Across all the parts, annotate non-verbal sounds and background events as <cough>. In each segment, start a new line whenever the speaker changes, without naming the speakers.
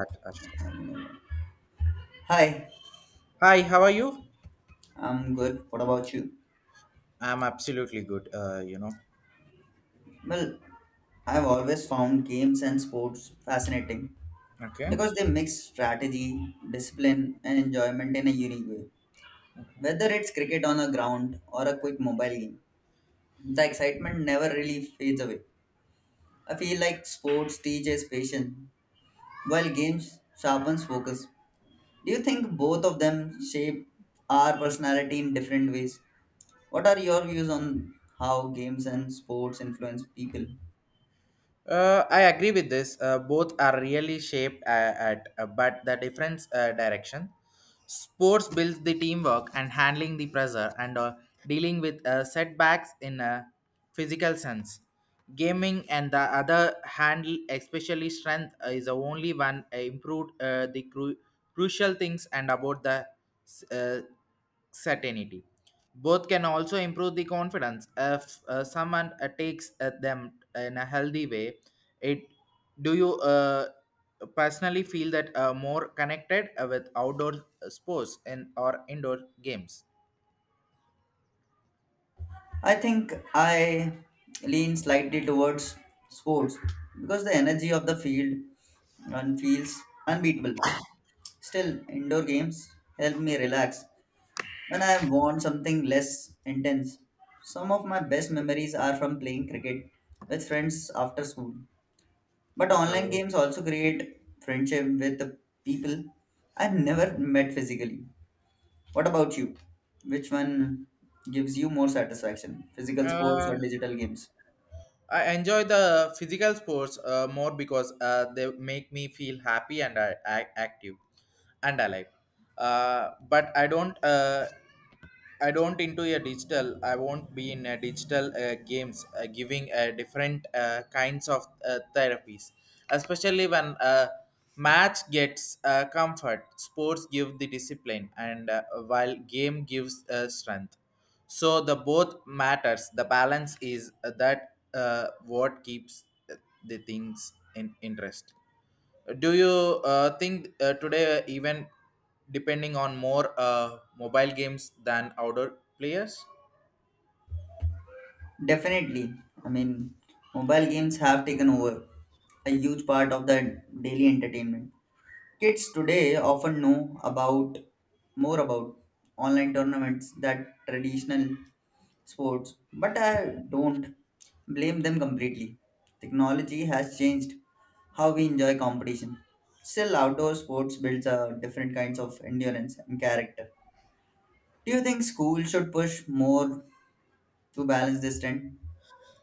At Ashraf.
Hi,
Hi, how are you?
I'm good. What about you?
I'm absolutely good.
Well, I've always found games and sports fascinating
Okay.
because they mix strategy, discipline, and enjoyment in a unique way.
Okay.
Whether it's cricket on a ground or a quick mobile game, the excitement never really fades away. I feel like sports teaches patience while games sharpens focus. Do you think both of them shape our personality in different ways? What are your views on how games and sports influence people?
I agree with this. Both are really shaped, but the different direction. Sports builds the teamwork and handling the pressure, and dealing with setbacks in a physical sense. Gaming and the other hand, especially strength, is the only one improved the crucial things, and about the uh, certainty. Both can also improve the confidence. If someone takes them in a healthy way, it, do you personally feel that more connected with outdoor sports and or indoor games?
I think I lean slightly towards sports because the energy of the field and feels unbeatable. Still, indoor games help me relax when I want something less intense. Some of my best memories are from playing cricket with friends after school. But
Uh,
online games also create friendship with the people I have never met physically. What about you? Which one gives you more satisfaction, physical sports or
Uh,
digital games?
I enjoy the physical sports more because they make me feel happy and active and alive. But I don't. I don't into a digital. I won't be in a digital games, giving different kinds of therapies, especially when match gets comfort. Sports give the discipline, and while game gives strength. So the both matters. The balance is that what keeps uh, the things in interest. Do you think today even depending on more mobile games than outdoor players?
Definitely. I mean, mobile games have taken over a huge part of the daily entertainment. Kids today often know about more about online tournaments than traditional sports, but I don't blame them completely. Technology has changed how we enjoy competition. Still, outdoor sports builds a different kinds of endurance and character. Do you think schools should push more to balance this trend?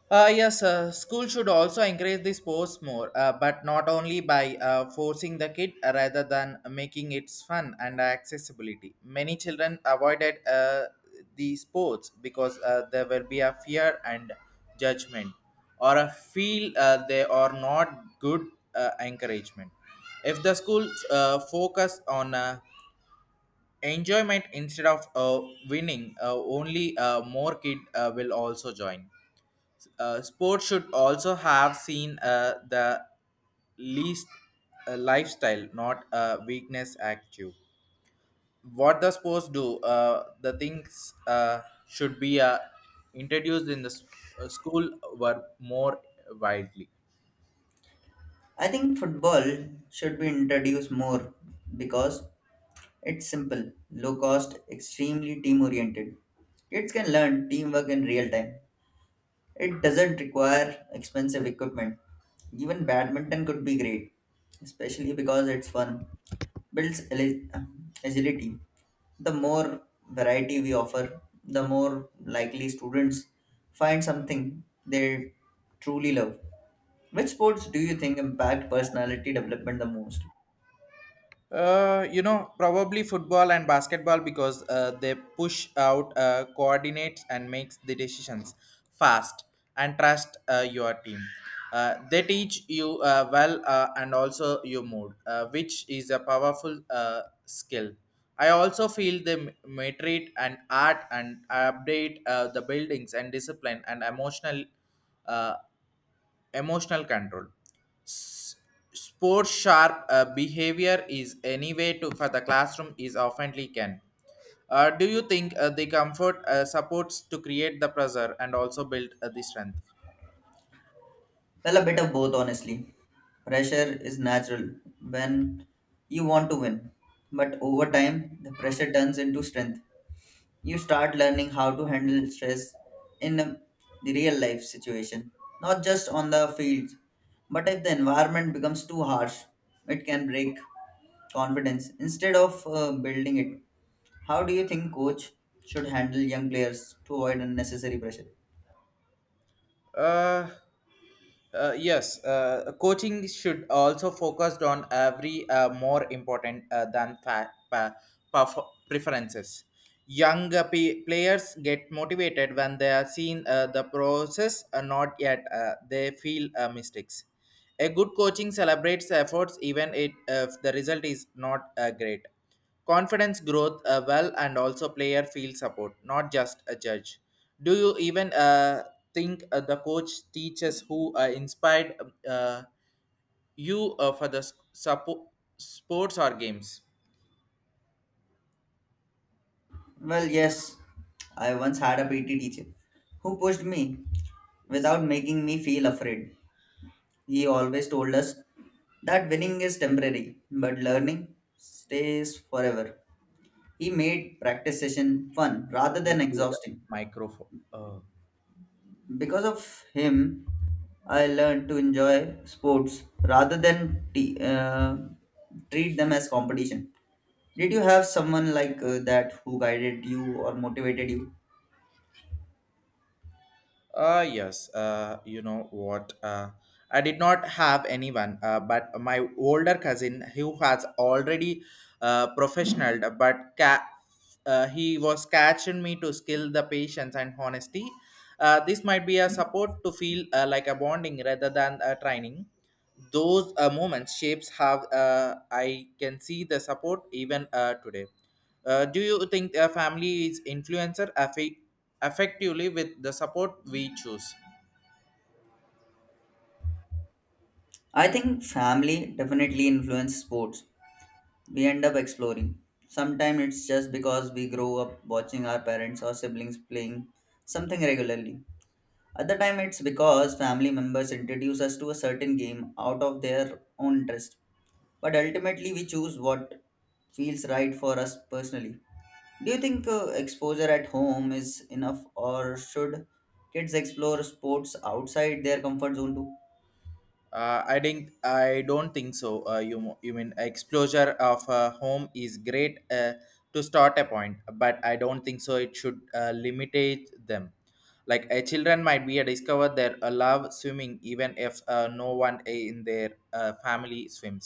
Yes, school should also encourage the sports more, but not only by forcing the kid rather than making it fun and accessibility. Many children avoided the sports because there will be a fear and judgment, or a feel they are not good encouragement. If the school focus on enjoyment instead of winning, only more kid will also join. Sports should also have seen the least lifestyle, not a weakness active. What the sports do, the things should be introduced in the school were more widely.
I think football should be introduced more because it's simple, low cost, extremely team oriented. Kids can learn teamwork in real time. It doesn't require expensive equipment. Even badminton could be great, especially because it's fun, builds ali- agility. The more variety we offer, the more likely students find something they truly love. Which sports do you think impact personality development the most?
You know, probably football and basketball because they push out coordinates and makes the decisions fast, and trust your team. They teach you well, and also your mood, which is a powerful skill. I also feel they metric and art and update the buildings and discipline and uh, emotional control. S- Sports sharp behavior is any way to for the classroom is oftenly can. Do you think the comfort supports to create the pressure and also build the strength?
Well, a bit of both, honestly. Pressure is natural when you want to win, but over time, the pressure turns into strength. You start learning how to handle stress in a the real life situation, not just on the field. But if the environment becomes too harsh, it can break confidence instead of building it. How do you think coach should handle young players to avoid unnecessary pressure?
Uh, Uh, yes, coaching should also focused on every more important than preferences. Young players get motivated when they are seen the process, not yet they feel mistakes. A good coaching celebrates efforts even it, if the result is not great confidence growth, well, and also player field support, not just a judge. Do you even think the coach teaches who inspired you for the sports or games?
Well, yes, I once had a PT teacher who pushed me without making me feel afraid. He always told us that winning is temporary, but learning stays forever. He made practice session fun rather than
Receive the
exhausting.
microphone. uh,
Because of him, I learned to enjoy sports rather than treat them as competition. Did you have someone like that who guided you or motivated you?
Uh, yes, you know what? I did not have anyone, but my older cousin who has already professional, but he was catching me to skill the patience and honesty. This might be a support to feel like a bonding rather than a training. Those moments shapes have, I can see the support even today. Do you think a family is influencer a effectively with the support we choose.
I think family definitely influences sports we end up exploring. Sometimes it's just because we grow up watching our parents or siblings playing something regularly. Other time it's because family members introduce us to a certain game out of their own interest. But ultimately we choose what feels right for us personally. Do you think exposure at home is enough or should kids explore sports outside their comfort zone too?
I think I don't think so. You you mean exposure of a home is great to start a point, but I don't think so. It should limitate them. Like a children might be a discover their love swimming even if no one in their family swims.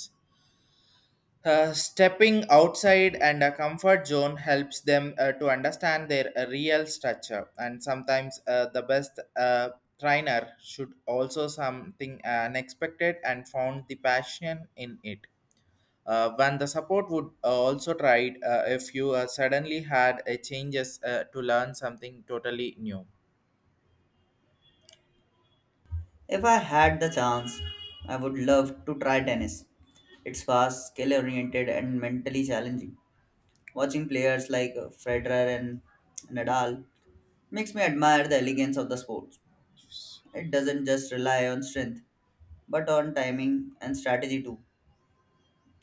Stepping outside and a comfort zone helps them to understand their real structure, and sometimes the best trainer should also something unexpected and found the passion in it. When the support would also tried if you suddenly had a changes to learn something totally new?
If I had the chance, I would love to try tennis. It's fast, skill oriented, and mentally challenging. Watching players like Federer and Nadal makes me admire the elegance of the sport. It doesn't just rely on strength, but on timing and strategy too.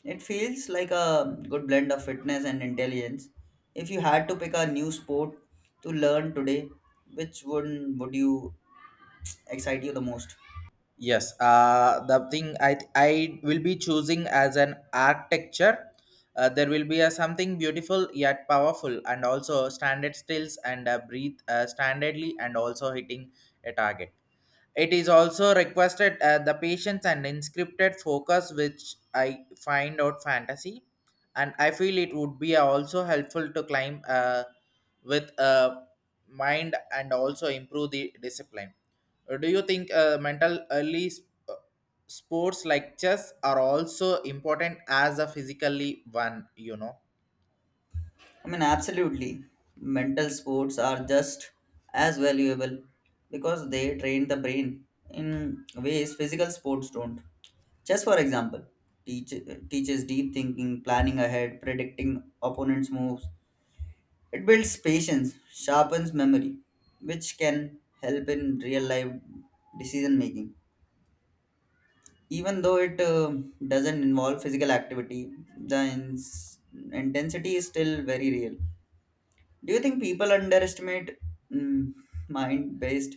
It feels like a good blend of fitness and intelligence. If you had to pick a new sport to learn today, which one would you excite you the most?
Yes, the thing I will be choosing as an architecture. There will be a something beautiful yet powerful, and also standard stills, and breathe standardly, and also hitting a target. It is also requested the patience and inscripted focus, which I find out fantasy, and I feel it would be also helpful to climb with a mind, and also improve the discipline. Do you think mental early uh, sports like chess are also important as a physically one? You know.
I mean, absolutely. Mental sports are just as valuable because they train the brain in ways physical sports don't. Chess, for example, teach, teaches deep thinking, planning ahead, predicting opponents' moves. It builds patience, sharpens memory, which can help in real life decision making. Even though it doesn't involve physical activity, the intensity is still very real. Do you think people underestimate mm, mind-based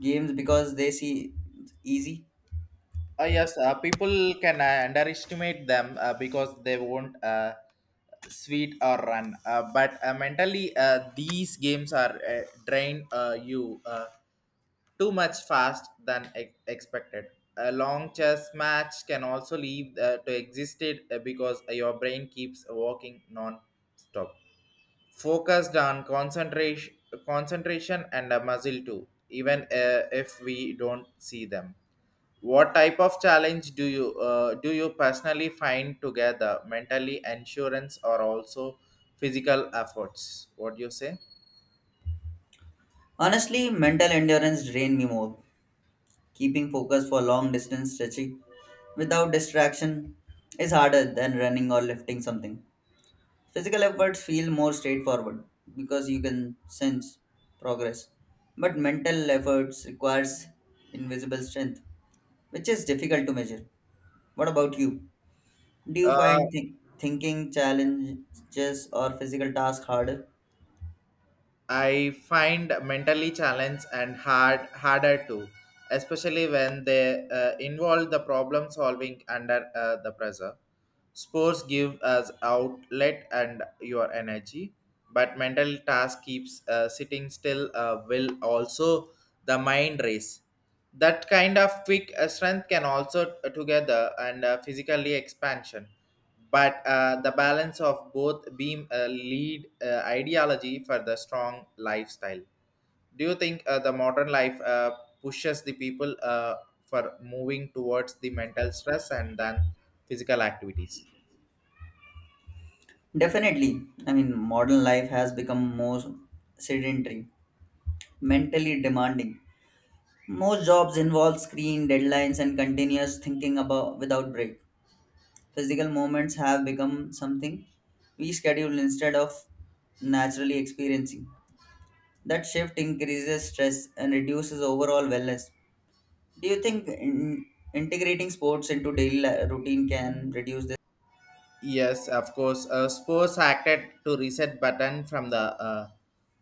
games because they see it's easy?
Yes, people can underestimate them because they won't sweet or run. But mentally, these games are drain you too much fast than expected. A long chess match can also leave to existed because your brain keeps working non-stop, focused on concentration and muscle too. Even if we don't see them. What type of challenge do you personally find together, mentally insurance or also physical efforts? What do you say?
Honestly, mental endurance drain me more. Keeping focus for long distance stretching without distraction is harder than running or lifting something. Physical efforts feel more straightforward because you can sense progress. But mental efforts requires invisible strength, which is difficult to measure. What about you? Do you
Uh,
find thinking challenges or physical tasks harder?
I find mentally challenged and harder too, especially when they involve the problem solving under the pressure. Sports give us outlet and your energy, but mental task keeps sitting still will also the mind race. That kind of quick strength can also together and physically expansion, but the balance of both beam a lead ideology for the strong lifestyle. Do you think the modern life pushes the people for moving towards the mental stress and then physical activities?
Definitely. I mean, modern life has become more sedentary, mentally demanding. Most jobs involve screen deadlines and continuous thinking about without break. Physical moments have become something we schedule instead of naturally experiencing. That shift increases stress and reduces overall wellness. Do you think integrating sports into daily routine can reduce this?
Yes, of course. Sports acted to reset button from the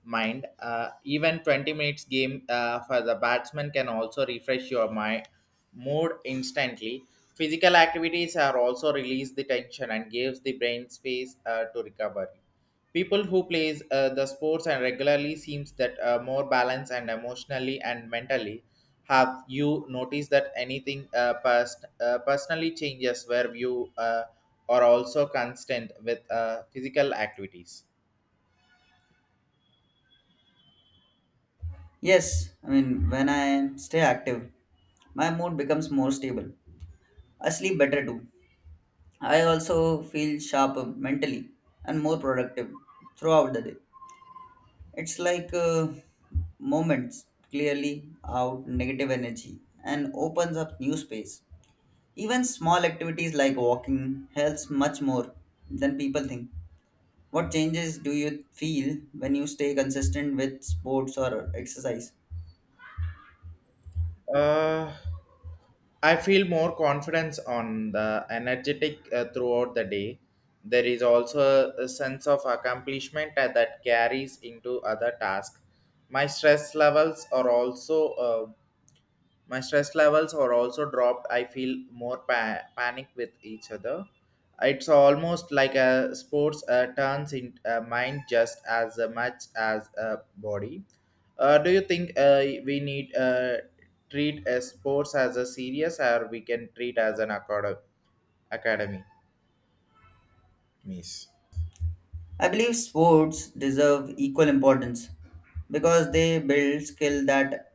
mind. Even 20 minutes game for the batsman can also refresh your mind, mood instantly. Physical activities are also release the tension and gives the brain space to recover. People who plays the sports and regularly seems that more balanced and emotionally and mentally. Have you noticed that anything personally changes where you? Or also constant with physical activities.
Yes, I mean, when I stay active, my mood becomes more stable. I sleep better too. I also feel sharper mentally and more productive throughout the day. It's like moments clearly out negative energy and opens up new space. Even small activities like walking helps much more than people think. What changes do you feel when you stay consistent with sports or exercise?
Uh, I feel more confidence on the energetic throughout the day. There is also a sense of accomplishment that carries into other tasks. My stress levels are also my stress levels are also dropped. I feel more panic with each other. It's almost like a sports turns in mind just as much as a body. Do you think we need treat a sports as a serious, or we can treat as an academy miss?
I believe sports deserve equal importance because they build skill that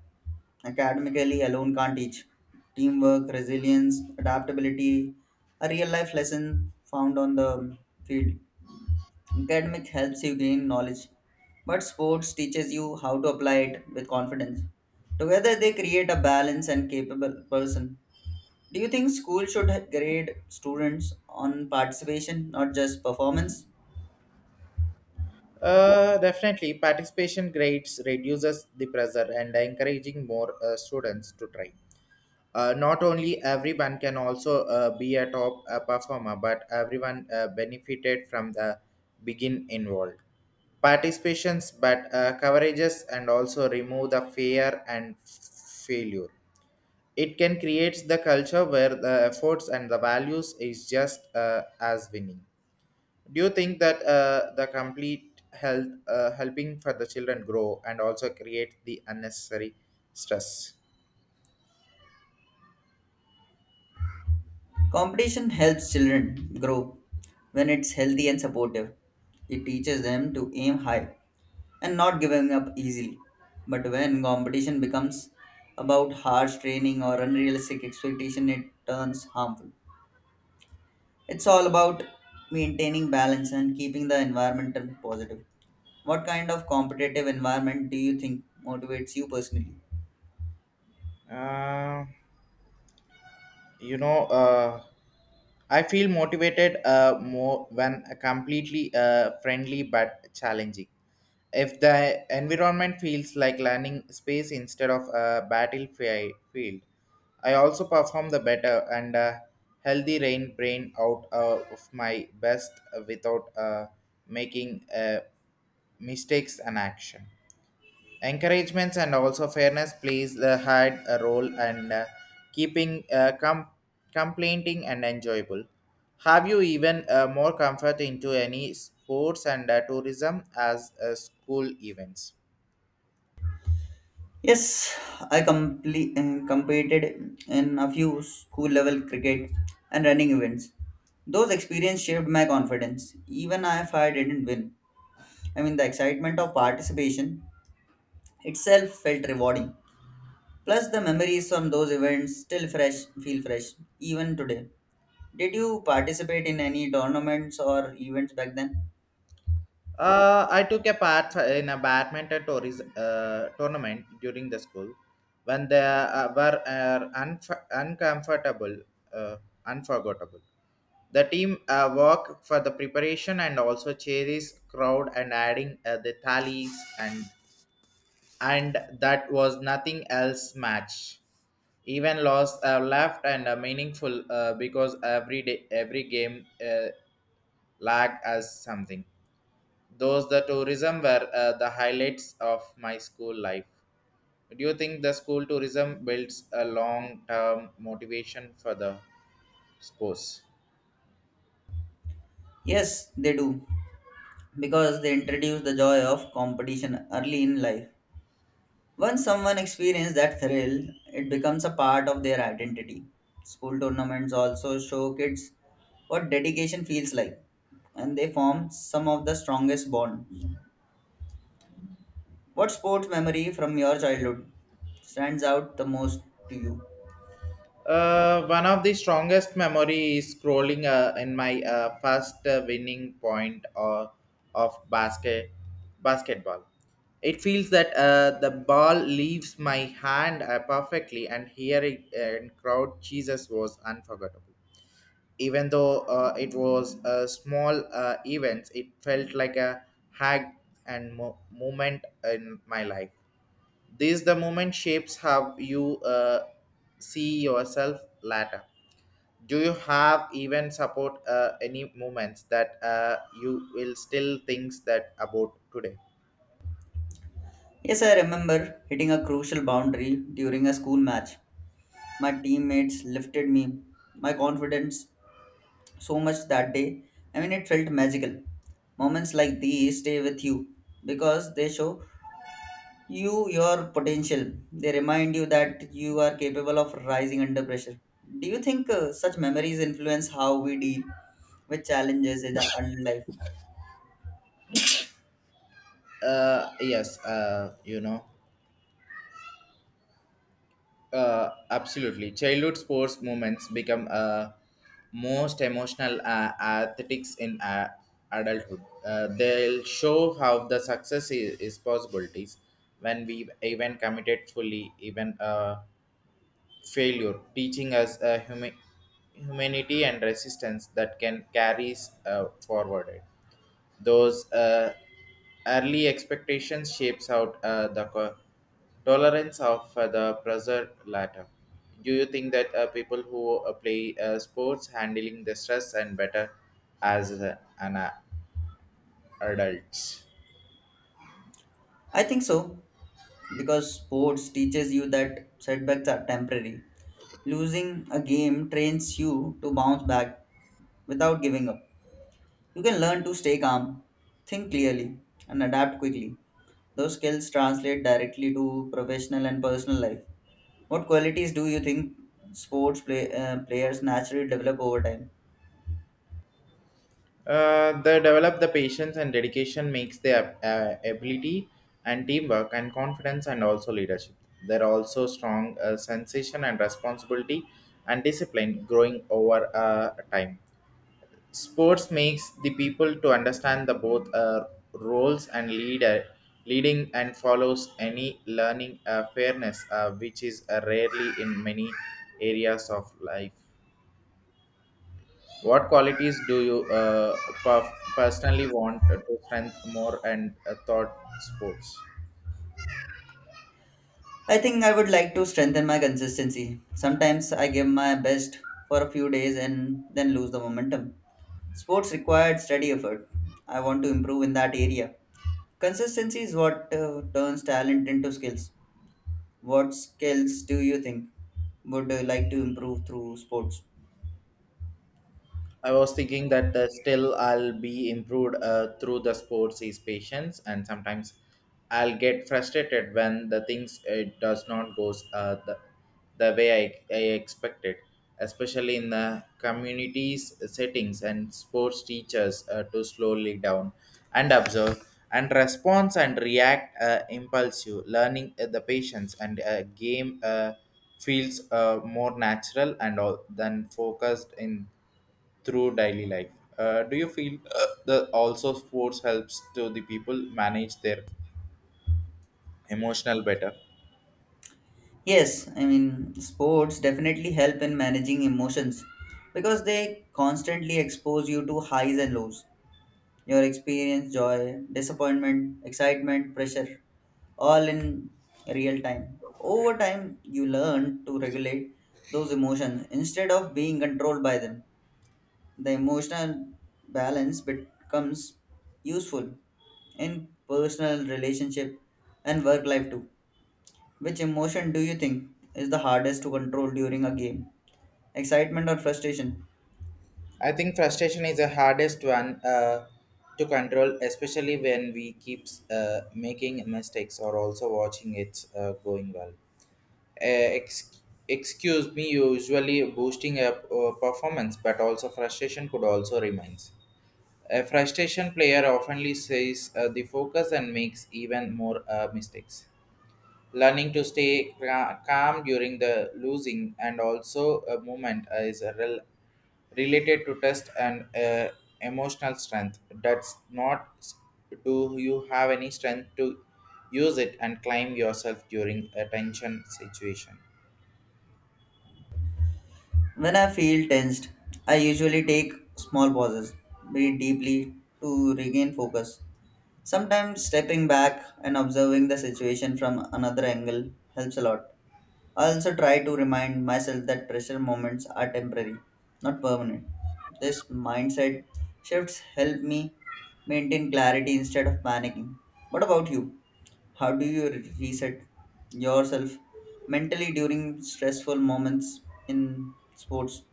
academically alone can't teach. Teamwork, resilience, adaptability are real life lessons found on the field. Academic helps you gain knowledge, but sports teaches you how to apply it with confidence. Together they create a balanced and capable person. Do you think school should grade students on participation, not just performance?
Definitely participation grades reduces the pressure and encouraging more students to try. Not only everyone can also be a top performer, but everyone benefited from the begin involved participations, but coverages, and also remove the fear and failure. It can create the culture where the efforts and the values is just as winning. Do you think that the complete health helping for the children grow, and also create the unnecessary stress?
Competition helps children grow when it's healthy and supportive. It teaches them to aim high and not giving up easily. But when competition becomes about harsh training or unrealistic expectation, it turns harmful. It's all about maintaining balance and keeping the environment positive. What kind of competitive environment do you think motivates you personally?
Uh, you know, I feel motivated more when completely friendly but challenging. If the environment feels like landing space instead of a battlefield, I also perform the better, and healthy rain brain out of my best without making mistakes and action. Encouragements and also fairness plays had a role, and keeping complaining and enjoyable. Have you even more comfort into any sports and tourism as school events?
Yes, I competed in a few school level cricket and running events. Those experiences shaped my confidence, even if I didn't win. I mean, the excitement of participation itself felt rewarding. Plus, the memories from those events feel fresh, even today. Did you participate in any tournaments or events back then?
I took a part in a badminton tournament during the school, when they were unf- uncomfortable uh, unforgettable. The team work for the preparation and also cherries crowd and adding the tallies, and and that was nothing else match. Even lost left and meaningful because every day every game lag as something. Those the tourism were the highlights of my school life. Do you think the school tourism builds a long term motivation for the sports?
Yes, they do, because they introduce the joy of competition early in life. Once someone experiences that thrill, it becomes a part of their identity. School tournaments also show kids what dedication feels like, and they form some of the strongest bonds. What sports memory from your childhood stands out the most to you?
One of the strongest memory is scrolling in my first winning point or of basketball. It feels that the ball leaves my hand perfectly, and hearing and crowd Jesus was unforgettable. Even though it was a small event, it felt like a hag and moment in my life. These the moment shapes how you see yourself later. Do you have even support any moments that you will still thinks that about today?
Yes, I remember hitting a crucial boundary during a school match. My teammates lifted me, my confidence so much that day. I mean, it felt magical. Moments like these stay with you because they show you your potential. They remind you that you are capable of rising under pressure. Do you think such memories influence how we deal with challenges in the adult life?
Yes, you know, absolutely. Childhood sports moments become most emotional athletics in adulthood. They'll show how the success is possibilities when we even committed fully, even failure, teaching us a humanity and resistance that can carry us forward. Those early expectations shapes out the tolerance of the pressure latter. Do you think that people who play sports handling the stress and better as an adults?
I think so, because sports teaches you that setbacks are temporary. Losing a game trains you to bounce back without giving up. You can learn to stay calm, think clearly, and adapt quickly. Those skills translate directly to professional and personal life. What qualities do you think players naturally develop over time?
They develop the patience and dedication makes their ability and teamwork and confidence and also leadership. There are also strong sensation and responsibility and discipline growing over time. Sports makes the people to understand the both roles and leader leading and follows any learning fairness which is rarely in many areas of life. What qualities do you personally want to strengthen more and thought sports?
I think I would like to strengthen my consistency. Sometimes I give my best for a few days and then lose the momentum. Sports required steady effort. I want to improve in that area. Consistency is what turns talent into skills. What skills do you think would like to improve through sports?
I was thinking that still I'll be improved through the sports is patience, and sometimes I'll get frustrated when the things it does not goes the way I expected, especially in the communities settings and sports teachers to slowly down and observe and response and react impulsive learning the patience and game feels more natural and all than focused in through daily life. Do you feel the also sports helps to the people manage their emotional better?
Yes, I mean, sports definitely help in managing emotions because they constantly expose you to highs and lows. Your experience, joy, disappointment, excitement, pressure, all in real time. Over time, you learn to regulate those emotions instead of being controlled by them. The emotional balance becomes useful in personal relationship and work life too. Which emotion do you think is the hardest to control during a game? Excitement or frustration?
I think frustration is the hardest one to control, especially when we keep making mistakes or also watching it going well. Uh, ex- Excuse me, usually boosting up performance, but also frustration could also remains. A frustration player oftenly says the focus and makes even more mistakes. Learning to stay calm during the losing and also a movement is a related to test and emotional strength. That's not s- Do you have any strength to use it and climb yourself during a tension situation.
When I feel tensed, I usually take small pauses, breathe deeply to regain focus. Sometimes stepping back and observing the situation from another angle helps a lot. I also try to remind myself that pressure moments are temporary, not permanent. This mindset shifts help me maintain clarity instead of panicking. What about you? How do you reset yourself mentally during stressful moments in sports?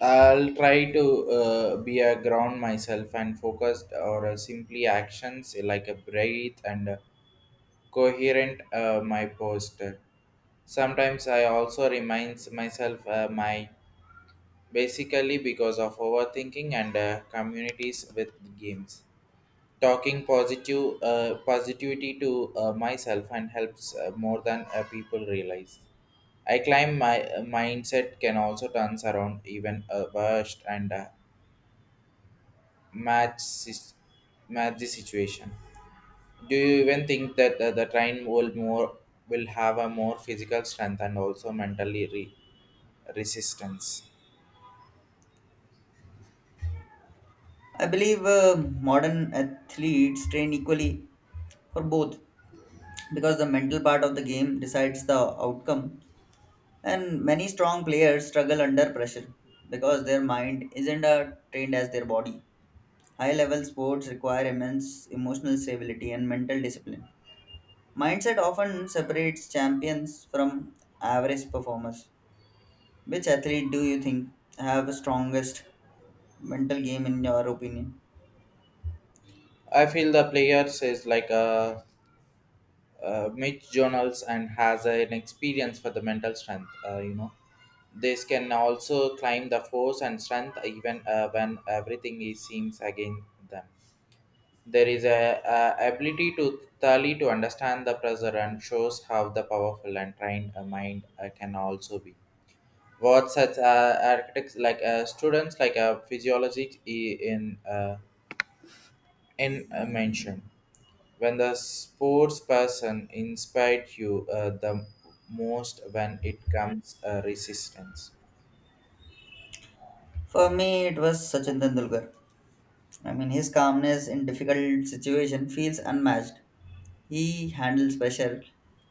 I'll try to be a ground myself and focused or simply actions like a breathe and coherent my poster. Sometimes I also reminds myself my basically because of overthinking and communities with games. Talking positive positivity to myself and helps more than people realize. I climb my mindset can also turns around even a worst and match sis- match the situation. Do you even think that the train will more will have a more physical strength and also mentally resistance?
I believe modern athletes train equally for both, because the mental part of the game decides the outcome, and many strong players struggle under pressure because their mind isn't trained as their body. High level sports require immense emotional stability and mental discipline. Mindset often separates champions from average performers. Which athlete do you think have the strongest mental game in your opinion?
I feel the players is like a mid journals and has an experience for the mental strength. This can also climb the force and strength even when everything is seems against them. There is a ability to thoroughly to understand the pressure and shows how the powerful and trained mind can also be. What such architects like students like a physiology in a mention when the sports person inspired you the most when it comes resistance.
For me, it was Sachin Tendulkar. I mean, his calmness in difficult situation feels unmatched. He handles pressure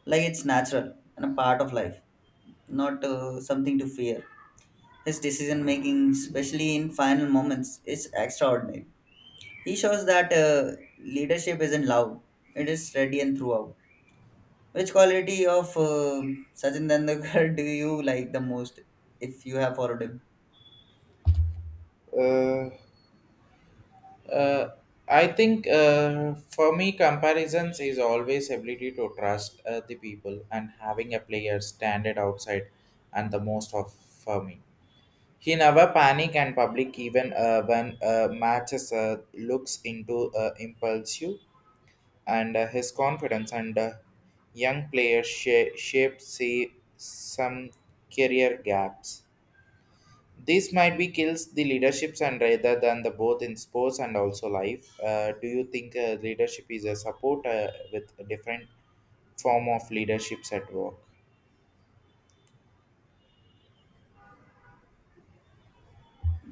like it's natural and a part of life, not something to fear. His decision making, especially in final moments, is extraordinary. He shows that leadership isn't loud; it is steady and throughout. Which quality of Sachin Tendulkar <laughs> do you like the most, if you have followed him?
Uh, uh, I think for me, comparisons is always ability to trust the people and having a player standard outside and the most of for me. He never panic and public even when matches looks into impulsive and his confidence and young players shape see some career gaps. This might be kills the leaderships and rather than the both in sports and also life. Do you think leadership is a support with a different form of leaderships at work?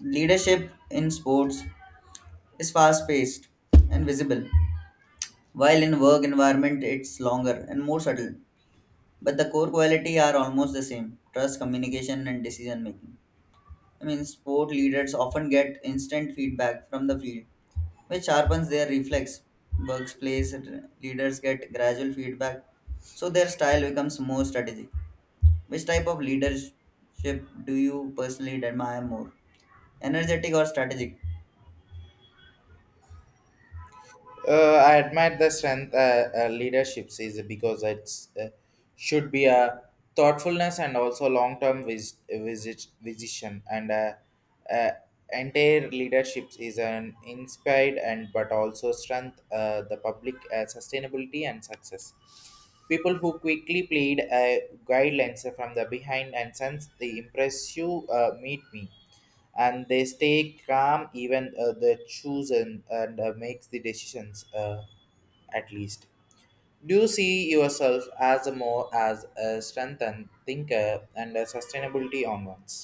Leadership in sports is fast-paced and visible, while in work environment it's longer and more subtle. But the core quality are almost the same: trust, communication, and decision making. I mean, sport leaders often get instant feedback from the field, which sharpens their reflex. Workplace leaders get gradual feedback, so their style becomes more strategic. Which type of leadership do you personally admire more, energetic or strategic?
I admire the strength leadership is because it's should be a thoughtfulness and also long term vision and uh, entire leadership is an inspired and but also strength the public sustainability and success. People who quickly played guidelines from the behind and sense the impress you meet me and they stay calm even they chosen and makes the decisions at least do you see yourself as a more as a strengthened thinker and a sustainability on ones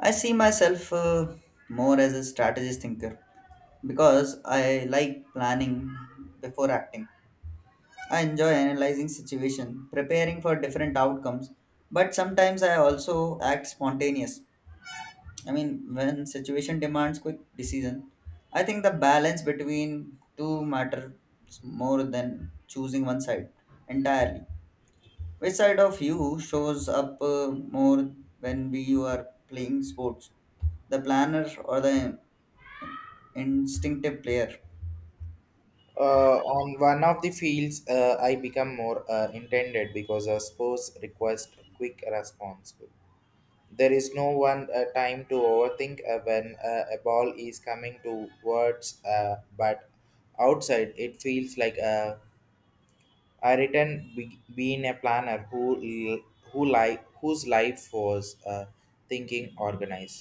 I see myself more as a strategist thinker because I like planning before acting. I enjoy analyzing situation, preparing for different outcomes, but sometimes I also act spontaneous. I mean, when situation demands quick decision, I think the balance between two matters more than choosing one side entirely. Which side of you shows up more when we you are playing sports? The planner or the instinctive player?
on one of the fields I become more intended because a sports requires quick response. There is no one time to overthink when a ball is coming towards but outside it feels like a I written being a planner who l- who life whose life was thinking organized.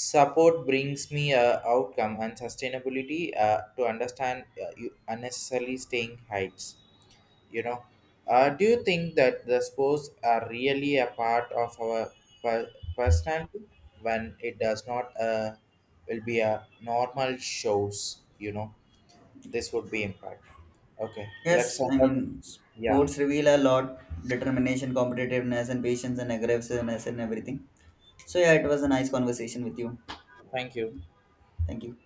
Support brings me a outcome and sustainability to understand you unnecessarily staying heights. You know, do you think that the sports are really a part of our personality when it does not will be a normal shows? This would be impact. Okay,
Yes, I mean
yeah.
sports reveal a lot: determination, competitiveness, and patience and aggressiveness and everything. So yeah, it was a nice conversation with you.
Thank you.
Thank you.